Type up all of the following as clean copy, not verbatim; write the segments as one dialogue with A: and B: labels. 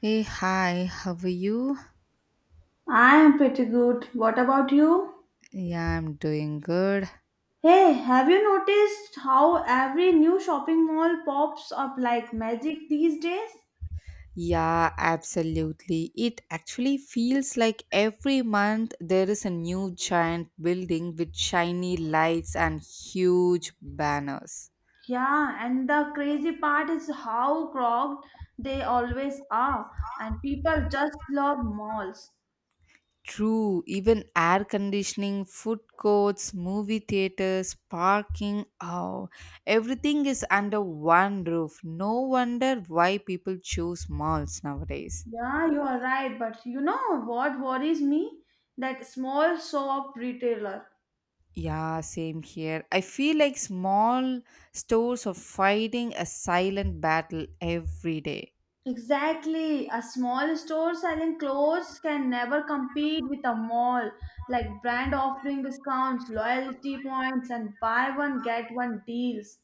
A: Hey, hi, how are you?
B: I am pretty good. What about you?
A: Yeah, I'm doing good.
B: Hey, have you noticed how every new shopping mall pops up like magic these days?
A: Yeah, absolutely. It actually feels like every month there is a new giant building with shiny lights and huge banners.
B: Yeah, and the crazy part is how crowded they always are, and people just love malls.
A: True, even air conditioning, food courts, movie theaters, parking, oh, everything is under one roof. No wonder why people choose malls nowadays.
B: Yeah, you are right, but you know what worries me? That small shop retailer.
A: Yeah, same here. I feel like small stores are fighting a silent battle every day.
B: Exactly. A small store selling clothes can never compete with a mall. Like brand offering discounts, loyalty points, and buy one get one deals.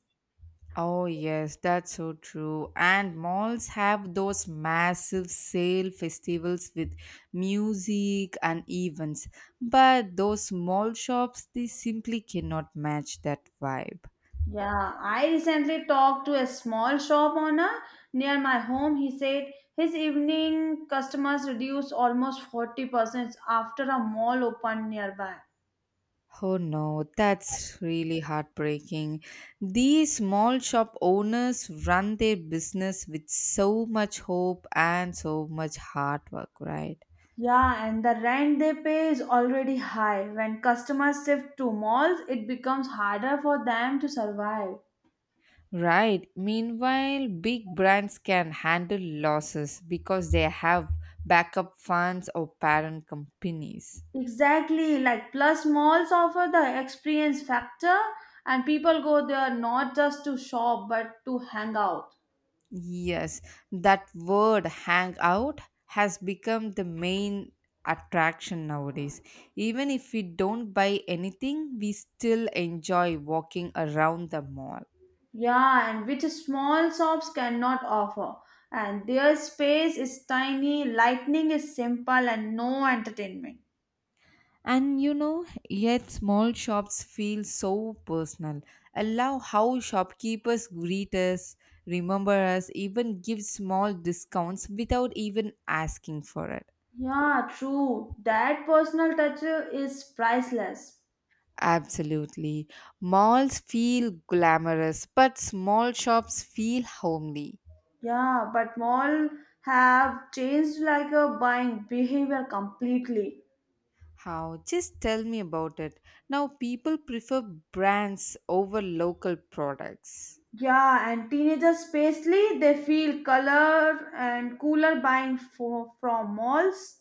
A: Oh, yes, that's so true. And malls have those massive sale festivals with music and events. But those small shops, they simply cannot match that vibe.
B: Yeah, I recently talked to a small shop owner near my home. He said his evening customers reduced almost 40% after a mall opened nearby.
A: Oh no, that's really heartbreaking. These small shop owners run their business with so much hope and so much hard work, right?
B: Yeah, and the rent they pay is already high. When customers shift to malls, it becomes harder for them to survive.
A: Right. Meanwhile, big brands can handle losses because they have backup funds or parent companies.
B: Exactly, like plus malls offer the experience factor, and people go there not just to shop but to hang out.
A: Yes, that word hangout has become the main attraction nowadays. Even if we don't buy anything, we still enjoy walking around the mall.
B: Yeah, and which small shops cannot offer. And their space is tiny, lighting is simple, and no entertainment.
A: And you know, yet small shops feel so personal. Allow how shopkeepers greet us, remember us, even give small discounts without even asking for it.
B: Yeah, true. That personal touch is priceless.
A: Absolutely. Malls feel glamorous, but small shops feel homely.
B: Yeah, but mall have changed like a buying behavior completely.
A: How? Just tell me about it. Now, people prefer brands over local products.
B: Yeah, and teenagers especially, they feel color and cooler buying from malls.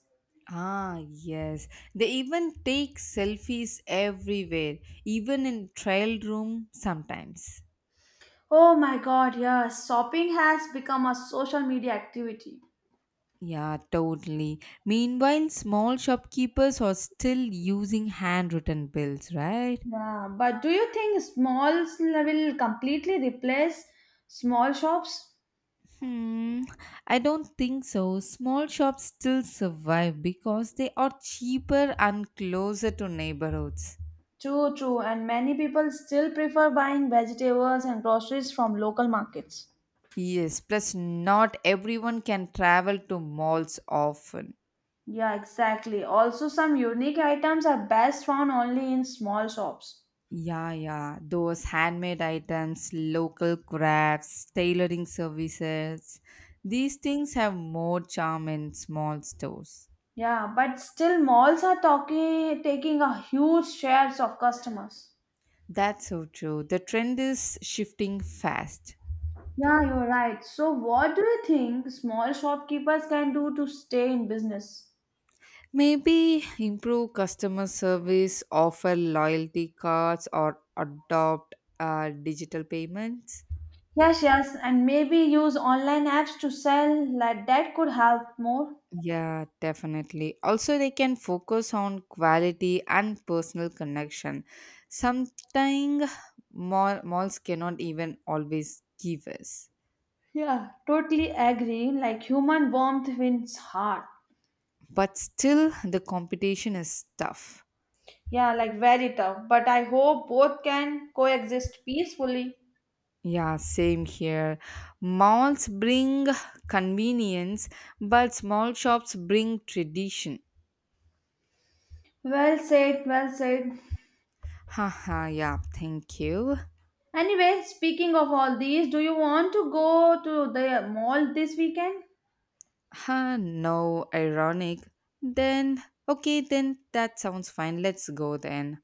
A: Ah, yes. They even take selfies everywhere, even in trial room sometimes.
B: Oh my god, yes, shopping has become a social media activity.
A: Yeah, totally. Meanwhile, small shopkeepers are still using handwritten bills, right?
B: Yeah, but do you think smalls will completely replace small shops?
A: Hmm, I don't think so. Small shops still survive because they are cheaper and closer to neighborhoods.
B: True, true, and many people still prefer buying vegetables and groceries from local markets.
A: Yes, plus not everyone can travel to malls often.
B: Yeah, exactly. Also, some unique items are best found only in small shops.
A: Yeah, yeah, those handmade items, local crafts, tailoring services. These things have more charm in small stores.
B: Yeah, but still malls are talking taking a huge shares of customers.
A: That's so true. The trend is shifting fast.
B: Yeah, you're right. So what do you think small shopkeepers can do to stay in business?
A: Maybe improve customer service, offer loyalty cards, or adopt digital payments.
B: Yes, yes, and maybe use online apps to sell like that could help more.
A: Yeah, definitely. Also, they can focus on quality and personal connection. Something malls cannot even always give us.
B: Yeah, totally agree. Like human warmth wins heart.
A: But still, the competition is tough.
B: Yeah, like very tough. But I hope both can coexist peacefully.
A: Yeah, same here. Malls bring convenience, but small shops bring tradition.
B: Well said, well said.
A: Haha, yeah, thank you.
B: Anyway, speaking of all these, do you want to go to the mall this weekend?
A: Ha, no, ironic. Then, okay, then that sounds fine. Let's go then.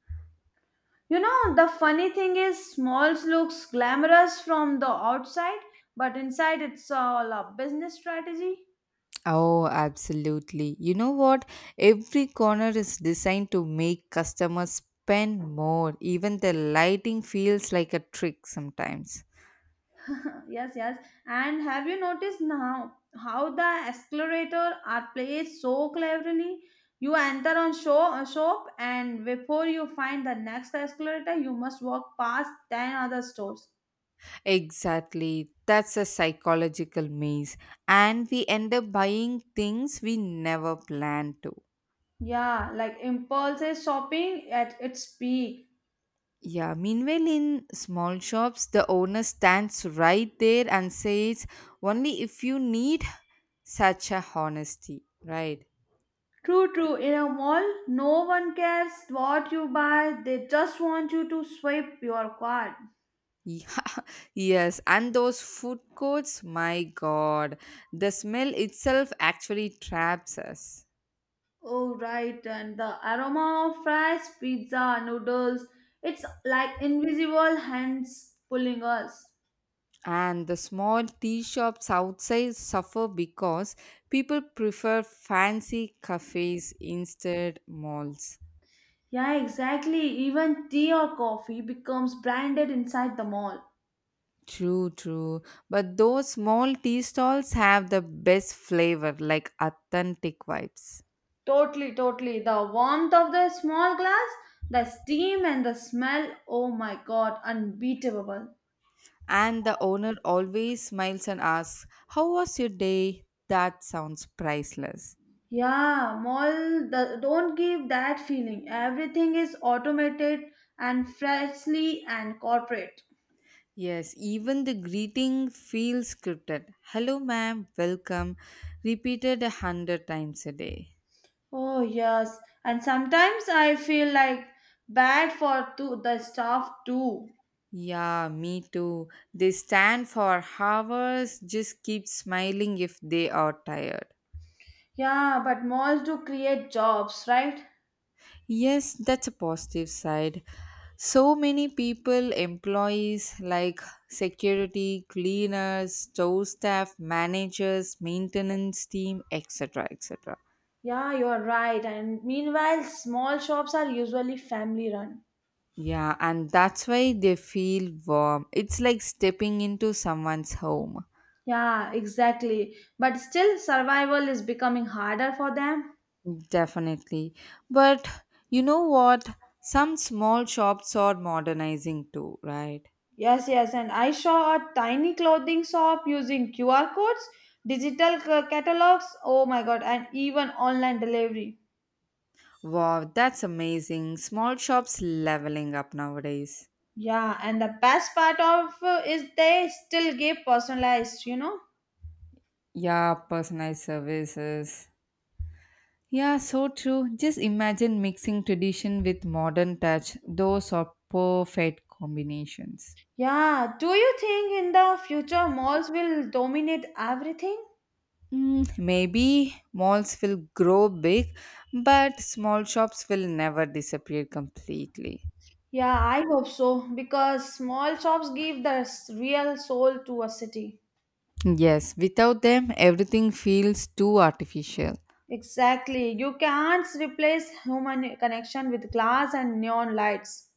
B: You know, the funny thing is, malls looks glamorous from the outside, but inside it's all a business strategy.
A: Oh, absolutely. You know what? Every corner is designed to make customers spend more. Even the lighting feels like a trick sometimes.
B: yes, yes. And have you noticed now how the escalator are placed so cleverly? You enter on show shop, and before you find the next escalator, you must walk past ten other stores.
A: Exactly. That's a psychological maze. And we end up buying things we never planned to.
B: Yeah, like impulsive shopping at its peak.
A: Yeah, meanwhile, in small shops, the owner stands right there and says, only if you need such a honesty, right?
B: True, true. In a mall, no one cares what you buy, they just want you to swipe your card.
A: Yeah, yes, and those food courts, my god, the smell itself actually traps us.
B: Oh, right. And the aroma of fries, pizza, noodles, it's like invisible hands pulling us.
A: And the small tea shops outside suffer because people prefer fancy cafes instead malls.
B: Yeah, exactly. Even tea or coffee becomes branded inside the mall.
A: True, true. But those small tea stalls have the best flavor, like authentic vibes.
B: Totally, totally. The warmth of the small glass, the steam and the smell. Oh my god, unbeatable.
A: And the owner always smiles and asks, how was your day? That sounds priceless.
B: Yeah, mall, don't give that feeling. Everything is automated and freshly and corporate.
A: Yes, even the greeting feels scripted. Hello, ma'am, welcome. Repeated a hundred times a day.
B: Oh yes, and sometimes I feel like bad for the staff too.
A: Yeah, me too. They stand for hours, just keep smiling if they are tired.
B: Yeah, but malls do create jobs, right?
A: Yes, that's a positive side. So many people, employees like security, cleaners, store staff, managers, maintenance team, etc. etc.
B: Yeah, you're right. And meanwhile, small shops are usually family run.
A: Yeah, and that's why they feel warm. It's like stepping into someone's home.
B: Yeah, exactly. But still, survival is becoming harder for them.
A: Definitely. But you know what? Some small shops are modernizing too, right?
B: Yes, yes. And I saw a tiny clothing shop using QR codes, digital catalogs. Oh my god, and even online delivery.
A: Wow, that's amazing. Small shops leveling up nowadays.
B: Yeah, and the best part of is they still give personalized, you know?
A: Yeah, personalized services. Yeah, so true. Just imagine mixing tradition with modern touch. Those are perfect combinations.
B: Yeah, do you think in the future malls will dominate everything?
A: Mm, maybe malls will grow big, but small shops will never disappear completely.
B: Yeah, I hope so because small shops give the real soul to a city.
A: Yes, without them, everything feels too artificial.
B: Exactly. You can't replace human connection with glass and neon lights.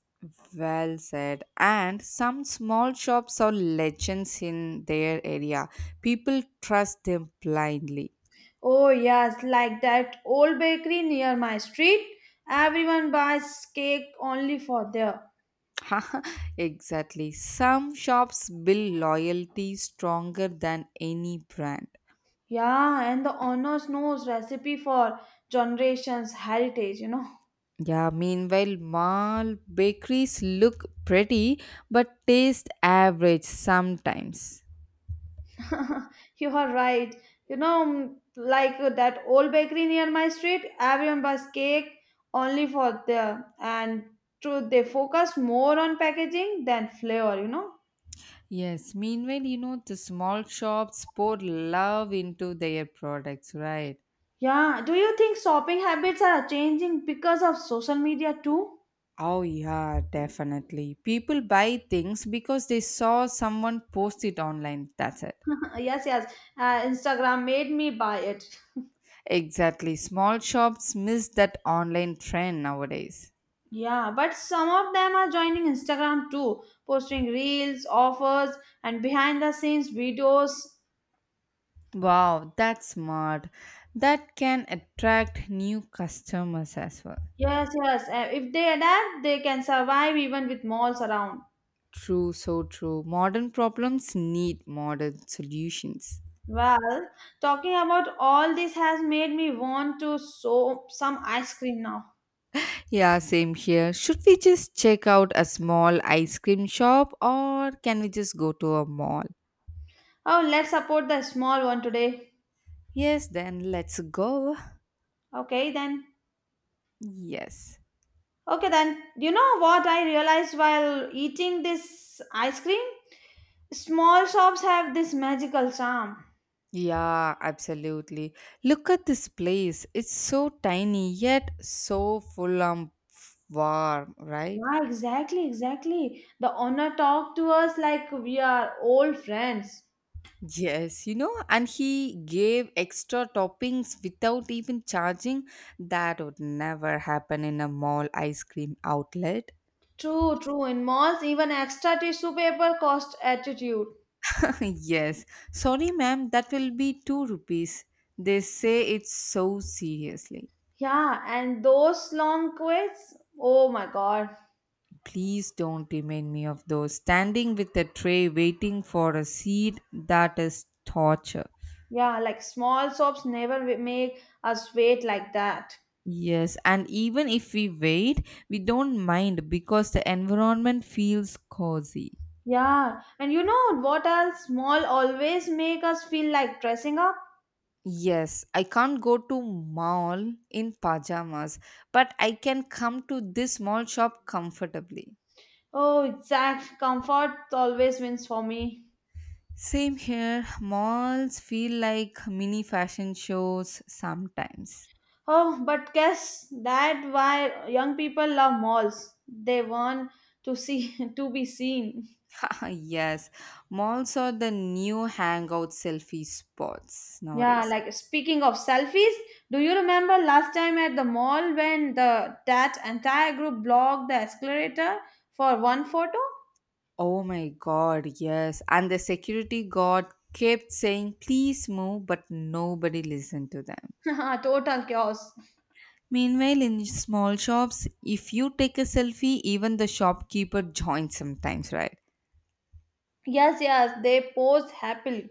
A: Well said. And some small shops are legends in their area. People trust them blindly.
B: Oh, yes, like that old bakery near my street. Everyone buys cake only for there.
A: exactly. Some shops build loyalty stronger than any brand.
B: Yeah, and the owners knows recipe for generations heritage.
A: Yeah, meanwhile, mall bakeries look pretty but taste average sometimes.
B: you are right. Like that old bakery near my street, everyone buys cake only for there. And true, they focus more on packaging than flavor.
A: Yes, meanwhile, you know, the small shops pour love into their products, right?
B: Yeah, do you think shopping habits are changing because of social media too?
A: Oh, yeah, definitely. People buy things because they saw someone post it online. That's it.
B: yes, yes. Instagram made me buy it.
A: Exactly. Small shops miss that online trend nowadays.
B: Yeah, but some of them are joining Instagram too, posting reels, offers, and behind the scenes videos.
A: Wow, that's smart. That can attract new customers as well.
B: Yes, yes. If they adapt, they can survive even with malls around.
A: True, so true. Modern problems need modern solutions.
B: Well, talking about all this has made me want to sow some ice cream now.
A: Yeah, same here. Should we just check out a small ice cream shop or can we just go to a mall?
B: Oh, let's support the small one today.
A: Yes, then let's go.
B: Okay, then.
A: Yes.
B: Okay, then, you know what I realized while eating this ice cream? Small shops have this magical charm.
A: Yeah, absolutely. Look at this place. It's so tiny yet so full of warm, right?
B: Yeah, exactly, exactly. The owner talked to us like we are old friends.
A: Yes, you know, and he gave extra toppings without even charging. That would never happen in a mall ice cream outlet.
B: True, true. In malls, even extra tissue paper cost attitude.
A: yes, sorry, ma'am, that will be two rupees. They say it so seriously.
B: Yeah, and those long queues. Oh my god.
A: Please don't remind me of those. Standing with a tray waiting for a seat, that is torture.
B: Yeah, like small shops never make us wait like that.
A: Yes, and even if we wait, we don't mind because the environment feels cozy.
B: Yeah, and you know what else? Mall always make us feel like dressing up.
A: Yes, I can't go to mall in pajamas, but I can come to this small shop comfortably.
B: Oh, exact comfort always wins for me.
A: Same here, malls feel like mini fashion shows sometimes.
B: Oh, but guess that why young people love malls. They want to see to be seen.
A: yes, malls are the new hangout selfie spots
B: Yeah,
A: nowadays.
B: like speaking of selfies, do you remember last time at the mall when the that entire group blocked the escalator for one photo?
A: Oh my god, yes. And the security guard kept saying, please move, but nobody listened to them.
B: Total chaos.
A: Meanwhile, in small shops, if you take a selfie, even the shopkeeper joins sometimes, right?
B: Yes, yes, they posed happily.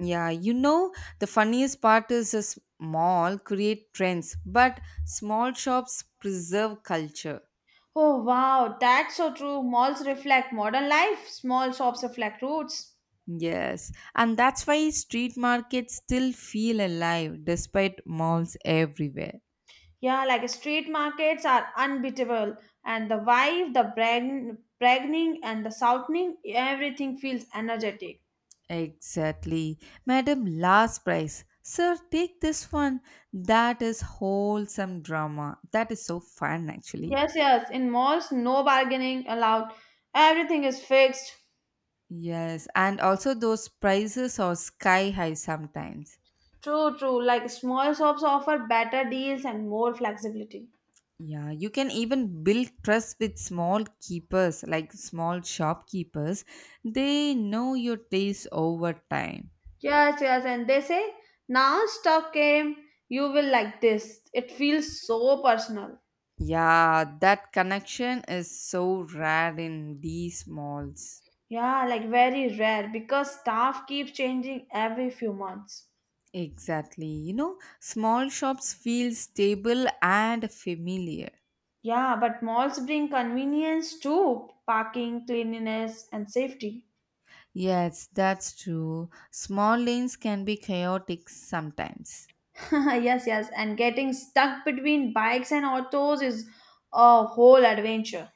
A: Yeah, you know, the funniest part is a small create trends, but small shops preserve culture.
B: Oh wow, that's so true. Malls reflect modern life, small shops reflect roots.
A: Yes, and that's why street markets still feel alive despite malls everywhere.
B: Yeah, like street markets are unbeatable, and the vibe, the bragging, and the shouting, everything feels energetic.
A: Exactly. Madam, last price. Sir, take this one. That is wholesome drama. That is so fun, actually.
B: Yes, yes, in malls, no bargaining allowed, everything is fixed.
A: Yes, and also those prices are sky high sometimes.
B: True, true, like small shops offer better deals and more flexibility.
A: Yeah, you can even build trust with small keepers, like small shopkeepers. They know your taste over time.
B: Yes, yes, and they say now stock came, you will like this. It feels so personal.
A: Yeah, that connection is so rare in these malls.
B: Yeah, like very rare because staff keeps changing every few months.
A: Exactly. You know, small shops feel stable and familiar.
B: Yeah, but malls bring convenience too parking, cleanliness, and safety.
A: Yes, that's true. Small lanes can be chaotic sometimes.
B: yes, yes, and getting stuck between bikes and autos is a whole adventure.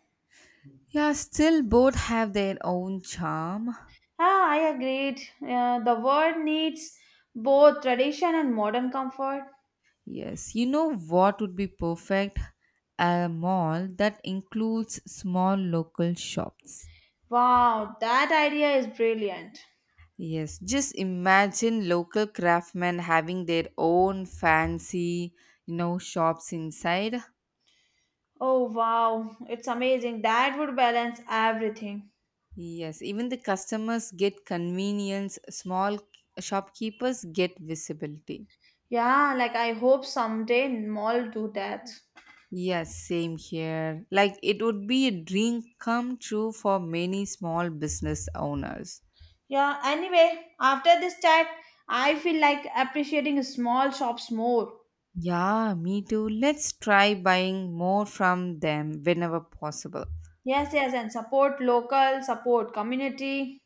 A: Yeah, still both have their own charm.
B: Ah, I agreed. The world needs both tradition and modern comfort.
A: Yes, you know what would be perfect? A mall that includes small local shops.
B: Wow, that idea is brilliant.
A: Yes, just imagine local craftsmen having their own fancy, you know, shops inside.
B: Oh, wow, it's amazing. That would balance everything.
A: Yes, even the customers get convenience, small shopkeepers get visibility.
B: Yeah, like I hope someday mall do that.
A: Yes, same here. Like it would be a dream come true for many small business owners.
B: Yeah, anyway, after this chat, I feel like appreciating small shops more.
A: Yeah, me too. Let's try buying more from them whenever possible.
B: Yes, yes, and support local, support community.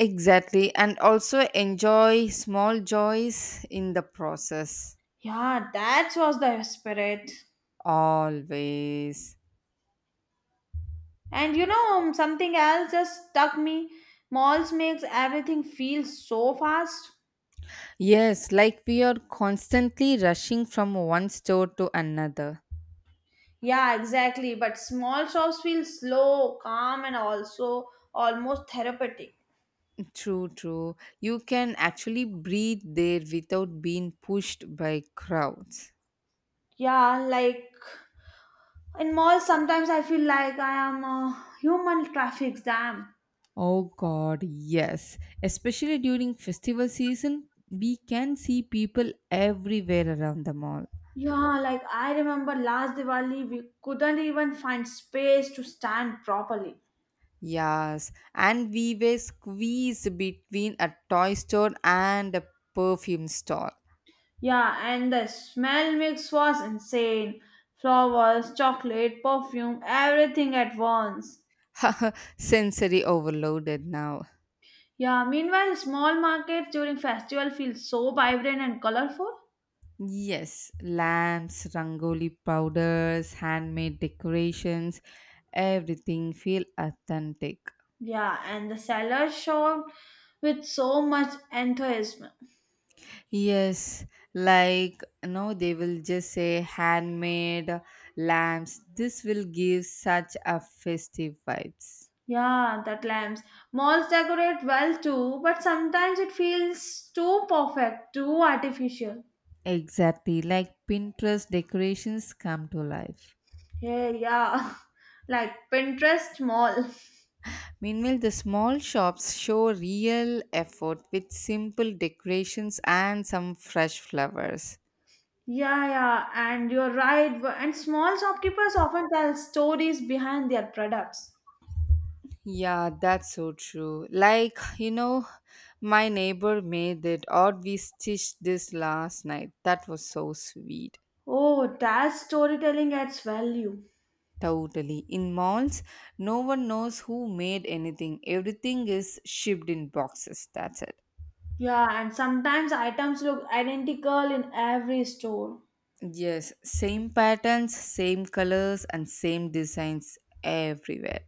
A: Exactly, and also enjoy small joys in the process.
B: Yeah, that was the spirit.
A: Always.
B: And something else just stuck me. Malls makes everything feel so fast.
A: Yes, like we are constantly rushing from one store to another.
B: Yeah, exactly. But small shops feel slow, calm, and also almost therapeutic.
A: True, true. You can actually breathe there without being pushed by crowds.
B: Yeah, like in malls sometimes I feel like I am a human traffic jam.
A: Oh god, yes. Especially during festival season, we can see people everywhere around the mall.
B: Yeah, like I remember last Diwali we couldn't even find space to stand properly.
A: Yes, and we were squeezed between a toy store and a perfume store.
B: Yeah, and the smell mix was insane. Flowers, chocolate, perfume, everything at once.
A: Sensory overloaded now.
B: Yeah, meanwhile small markets during festival feel so vibrant and colorful.
A: Yes, lamps, rangoli powders, handmade decorations, everything feel authentic.
B: Yeah, and the sellers showed with so much enthusiasm.
A: Yes, like no, they will just say handmade lamps. This will give such a festive vibes.
B: Yeah, that lamps. Malls decorate well too, but sometimes it feels too perfect, too artificial.
A: Exactly, like Pinterest decorations come to life.
B: Yeah, yeah. Like Pinterest mall.
A: Meanwhile, the small shops show real effort with simple decorations and some fresh flowers.
B: Yeah, yeah, and you're right. And small shopkeepers often tell stories behind their products.
A: Yeah, that's so true. Like, you know, my neighbor made it, or we stitched this last night. That was so sweet.
B: Oh, that's storytelling adds value.
A: Totally. In malls, no one knows who made anything, everything is shipped in boxes. That's it.
B: Yeah, and sometimes items look identical in every store.
A: Yes, same patterns, same colors, and same designs everywhere.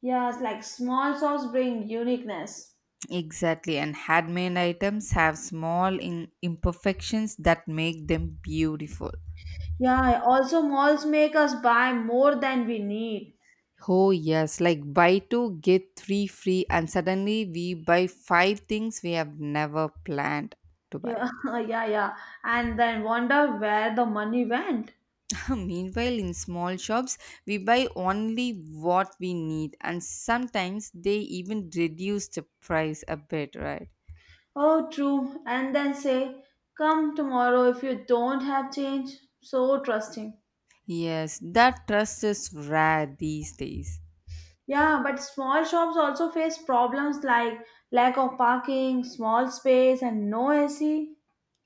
B: Yes, like small shops bring uniqueness.
A: Exactly, and handmade items have small imperfections that make them beautiful.
B: Yeah, also malls make us buy more than we need.
A: Oh, yes, like buy two, get three free, and suddenly we buy five things we have never planned to buy.
B: Yeah, yeah, yeah. And then wonder where the money went.
A: Meanwhile, in small shops, we buy only what we need, and sometimes they even reduce the price a bit, right?
B: Oh, true. And then say, come tomorrow if you don't have change. So trusting.
A: Yes, that trust is rare these days.
B: Yeah, but small shops also face problems like lack of parking, small space, and no AC.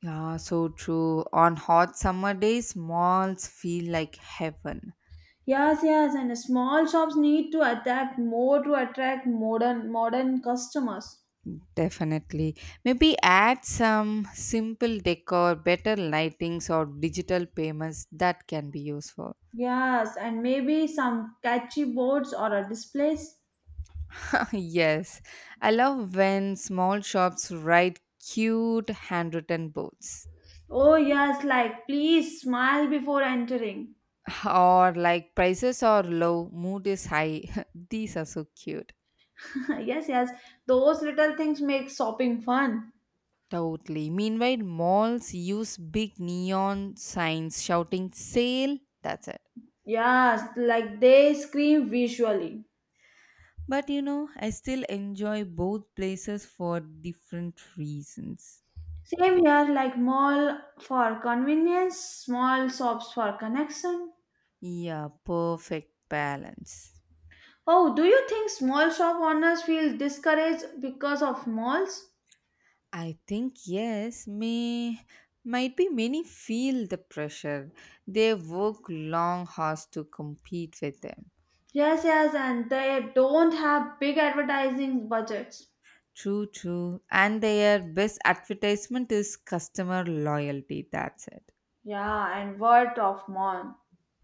A: Yeah, so true. On hot summer days, malls feel like heaven.
B: Yes, yes, and small shops need to adapt more to attract modern customers.
A: Definitely. Maybe add some simple decor, better lightings, or digital payments that can be useful.
B: Yes, and maybe some catchy boards or a displays.
A: yes, I love when small shops write cute handwritten boards.
B: Oh, yes, like please smile before entering.
A: Or like prices are low, mood is high. These are so cute.
B: yes, yes, those little things make shopping fun.
A: Totally. Meanwhile, malls use big neon signs shouting sale. That's it.
B: Yes, like they scream visually.
A: But you know, I still enjoy both places for different reasons.
B: Same here, like mall for convenience, small shops for connection.
A: Yeah, perfect balance.
B: Oh, do you think small shop owners feel discouraged because of malls?
A: I think yes, may might be many feel the pressure. They work long hours to compete with them.
B: Yes, yes, and they don't have big advertising budgets.
A: True, true. And their best advertisement is customer loyalty. That's it.
B: Yeah, and word of mouth.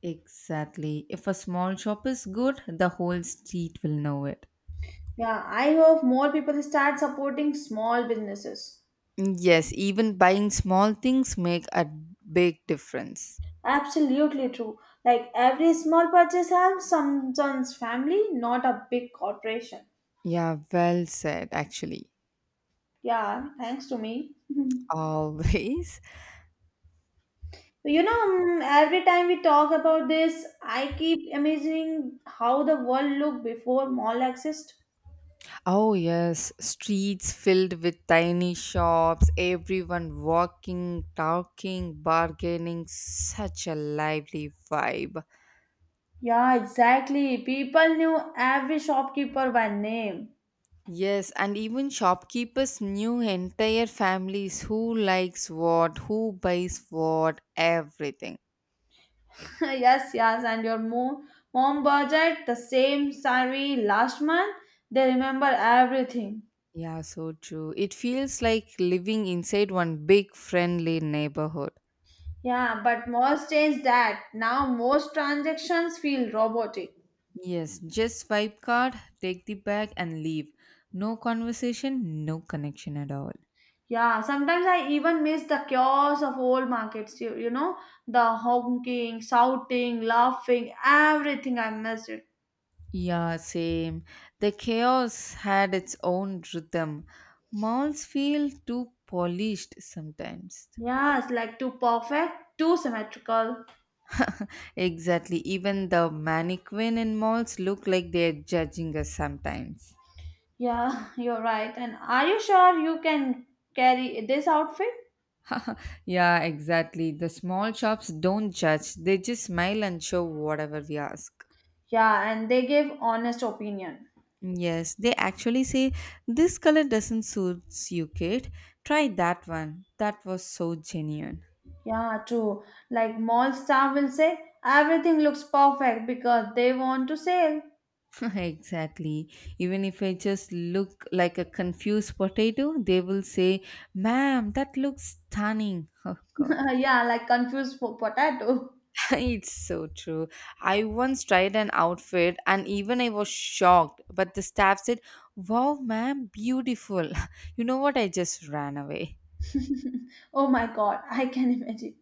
A: Exactly. If a small shop is good, the whole street will know it.
B: Yeah, I hope more people start supporting small businesses.
A: Yes, even buying small things make a big difference.
B: Absolutely true. Like every small purchase helps someone's family, not a big corporation.
A: Yeah, well said actually.
B: Yeah, thanks to me. you
A: Always.
B: know, mm, every time we talk about this, I keep imagining how the world looked before mall exist.
A: Oh yes, streets filled with tiny shops, everyone walking, talking, bargaining, such a lively vibe.
B: Yeah, exactly. People knew every shopkeeper by name.
A: Yes, and even shopkeepers knew entire families who likes what, who buys what, everything.
B: yes, yes, and your mom budget the same salary last month. They remember everything.
A: Yeah, so true. It feels like living inside one big friendly neighborhood.
B: Yeah, but most change that. Now most transactions feel robotic.
A: Yes, just swipe card, take the bag, and leave. No conversation, no connection at all.
B: Yeah, sometimes I even miss the chaos of old markets. The honking, shouting, laughing, everything. I miss it.
A: Yeah, same. The chaos had its own rhythm. Malls feel too polished sometimes.
B: Yeah, it's like too perfect, too symmetrical.
A: Exactly. Even the mannequin in malls look like they're judging us sometimes.
B: Yeah, you're right. And are you sure you can carry this outfit?
A: yeah, exactly. The small shops don't judge, they just smile and show whatever we ask.
B: Yeah, and they give honest opinion.
A: Yes, they actually say, this color doesn't suit you, kid. Try that one. That was so genuine.
B: Yeah, true. Like mall staff will say everything looks perfect because they want to sell.
A: exactly. Even if I just look like a confused potato, they will say, ma'am, that looks stunning. Oh, God.
B: yeah, like confused potato.
A: It's so true. I once tried an outfit and even I was shocked, but the staff said, wow, ma'am, beautiful. You know what? I just ran away.
B: Oh my god, I can imagine.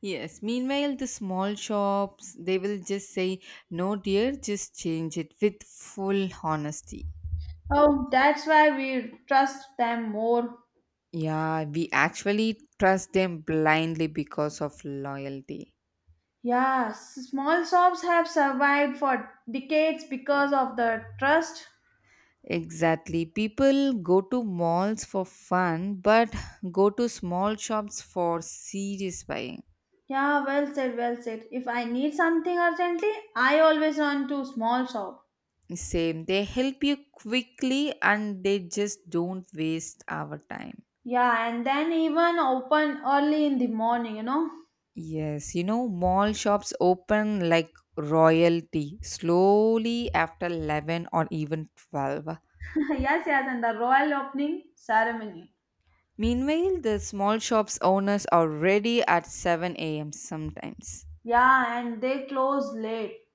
A: Yes, meanwhile, the small shops, they will just say, no, dear, just change it with full honesty.
B: Oh, that's why we trust them more.
A: Yeah, we actually trust them blindly because of loyalty.
B: Yeah, small shops have survived for decades because of the trust.
A: Exactly. People go to malls for fun, but go to small shops for serious buying.
B: Yeah, well said, well said. If I need something urgently, I always run to small shop.
A: Same. They help you quickly and they just don't waste our time.
B: Yeah, and then even open early in the morning.
A: Yes, you know, mall shops open like royalty slowly after 11 or even 12.
B: yes, yes, and the royal opening ceremony.
A: Meanwhile, the small shops owners are ready at 7 a.m. sometimes.
B: Yeah, and they close late.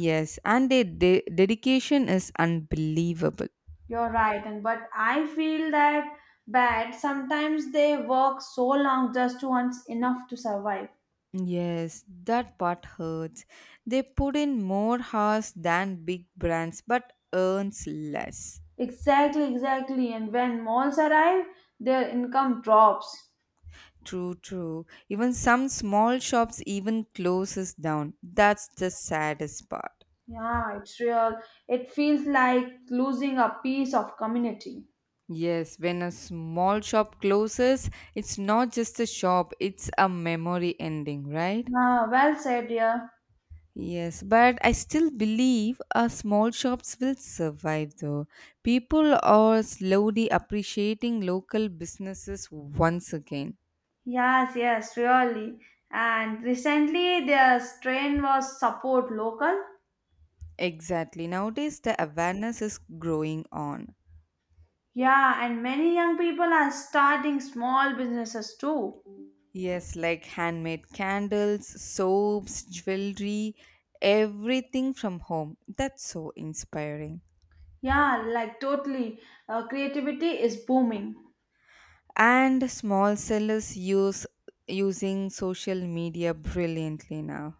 A: Yes, and their dedication is unbelievable.
B: You're right, and but I feel that bad. Sometimes they work so long just to earn enough to survive.
A: Yes, that part hurts. They put in more hours than big brands but earns less.
B: Exactly, exactly. And when malls arrive, their income drops.
A: True, true. Even some small shops even closes down. That's the saddest part.
B: Yeah, it's real. It feels like losing a piece of community.
A: Yes, when a small shop closes, it's not just a shop, it's a memory ending, right?
B: Ah, well said, dear.
A: Yes, but I still believe our small shops will survive though. People are slowly appreciating local businesses once again.
B: Yes, yes, really. And recently, their trend was support local.
A: Exactly. Nowadays, the awareness is growing on.
B: Yeah, and many young people are starting small businesses too.
A: Yes, like handmade candles, soaps, jewelry, everything from home. That's so inspiring.
B: Yeah, like totally. Creativity is booming.
A: And small sellers use using social media brilliantly now.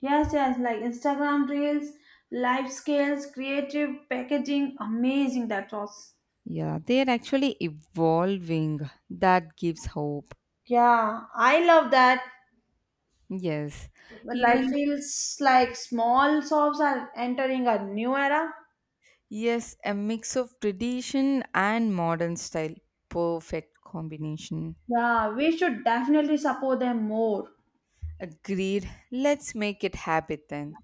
B: Yes, yes, like Instagram reels, life skills, creative packaging, amazing that was.
A: Yeah, they're actually evolving. That gives hope.
B: Yeah, I love that.
A: Yes.
B: Like
A: Even
B: feels like small shops are entering a new era.
A: yes, a mix of tradition and modern style. Perfect combination.
B: Yeah, we should definitely support them more.
A: Agreed. Let's make it habit then.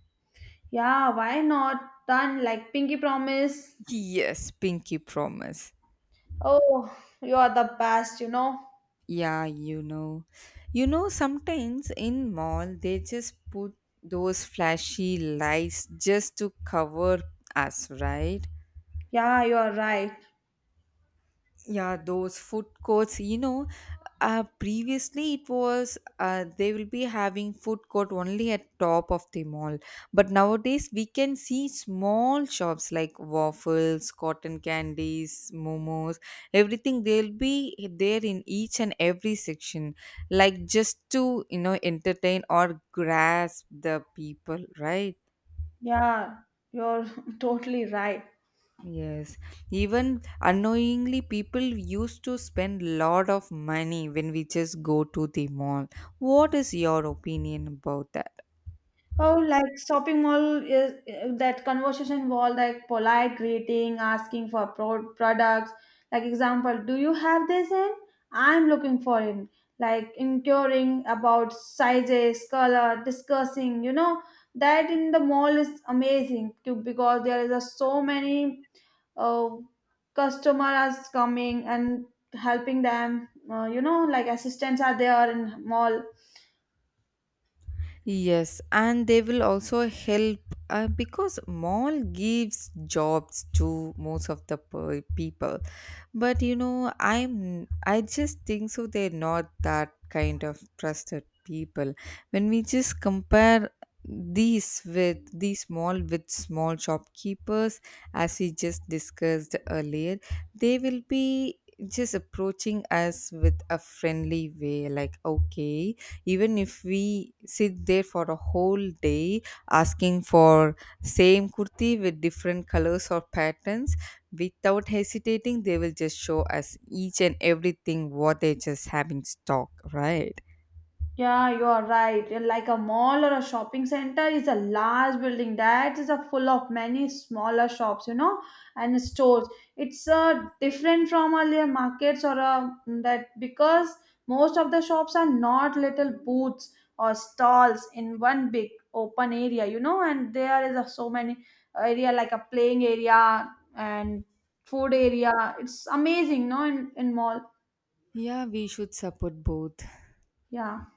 B: Yeah, why not? Done like Pinky Promise.
A: Yes, pinky promise.
B: Oh, you are the best.
A: Yeah, you know. You know, sometimes in mall they just put those flashy lights just to cover us, right?
B: Yeah, you are right.
A: Yeah, those food courts, you know, previously it was they will be having food court only at top of the mall. But nowadays we can see small shops like waffles, cotton candies, momos, everything they'll be there in each and every section, like just to, you know, entertain or grasp the people, right?
B: Yeah, you're totally right.
A: Yes, even unknowingly, people used to spend lot of money when we just go to the mall. What is your opinion about that?
B: Oh, like shopping mall is that conversation wall, like polite greeting, asking for products. Like example, do you have this in? I'm looking for it. Like inquiring about sizes, color, discussing. You know that in the mall is amazing too because there is so many uh, customers coming and helping them. Like assistants are there in mall.
A: Yes, and they will also help because mall gives jobs to most of the people. But you know, I just think so they're not that kind of trusted people. When we just compare these with these small shopkeepers as we just discussed earlier, they will be just approaching us with a friendly way like okay, even if we sit there for a whole day asking for same kurti with different colors or patterns, without hesitating they will just show us each and everything what they just have in stock, right?
B: Yeah, you are right. And like a mall or a shopping center is a large building that is a full of many smaller shops, and stores. It's different from earlier markets or that because most of the shops are not little booths or stalls in one big open area, and there is so many area like a playing area and food area. It's amazing, no, in mall.
A: Yeah, we should support both.
B: Yeah.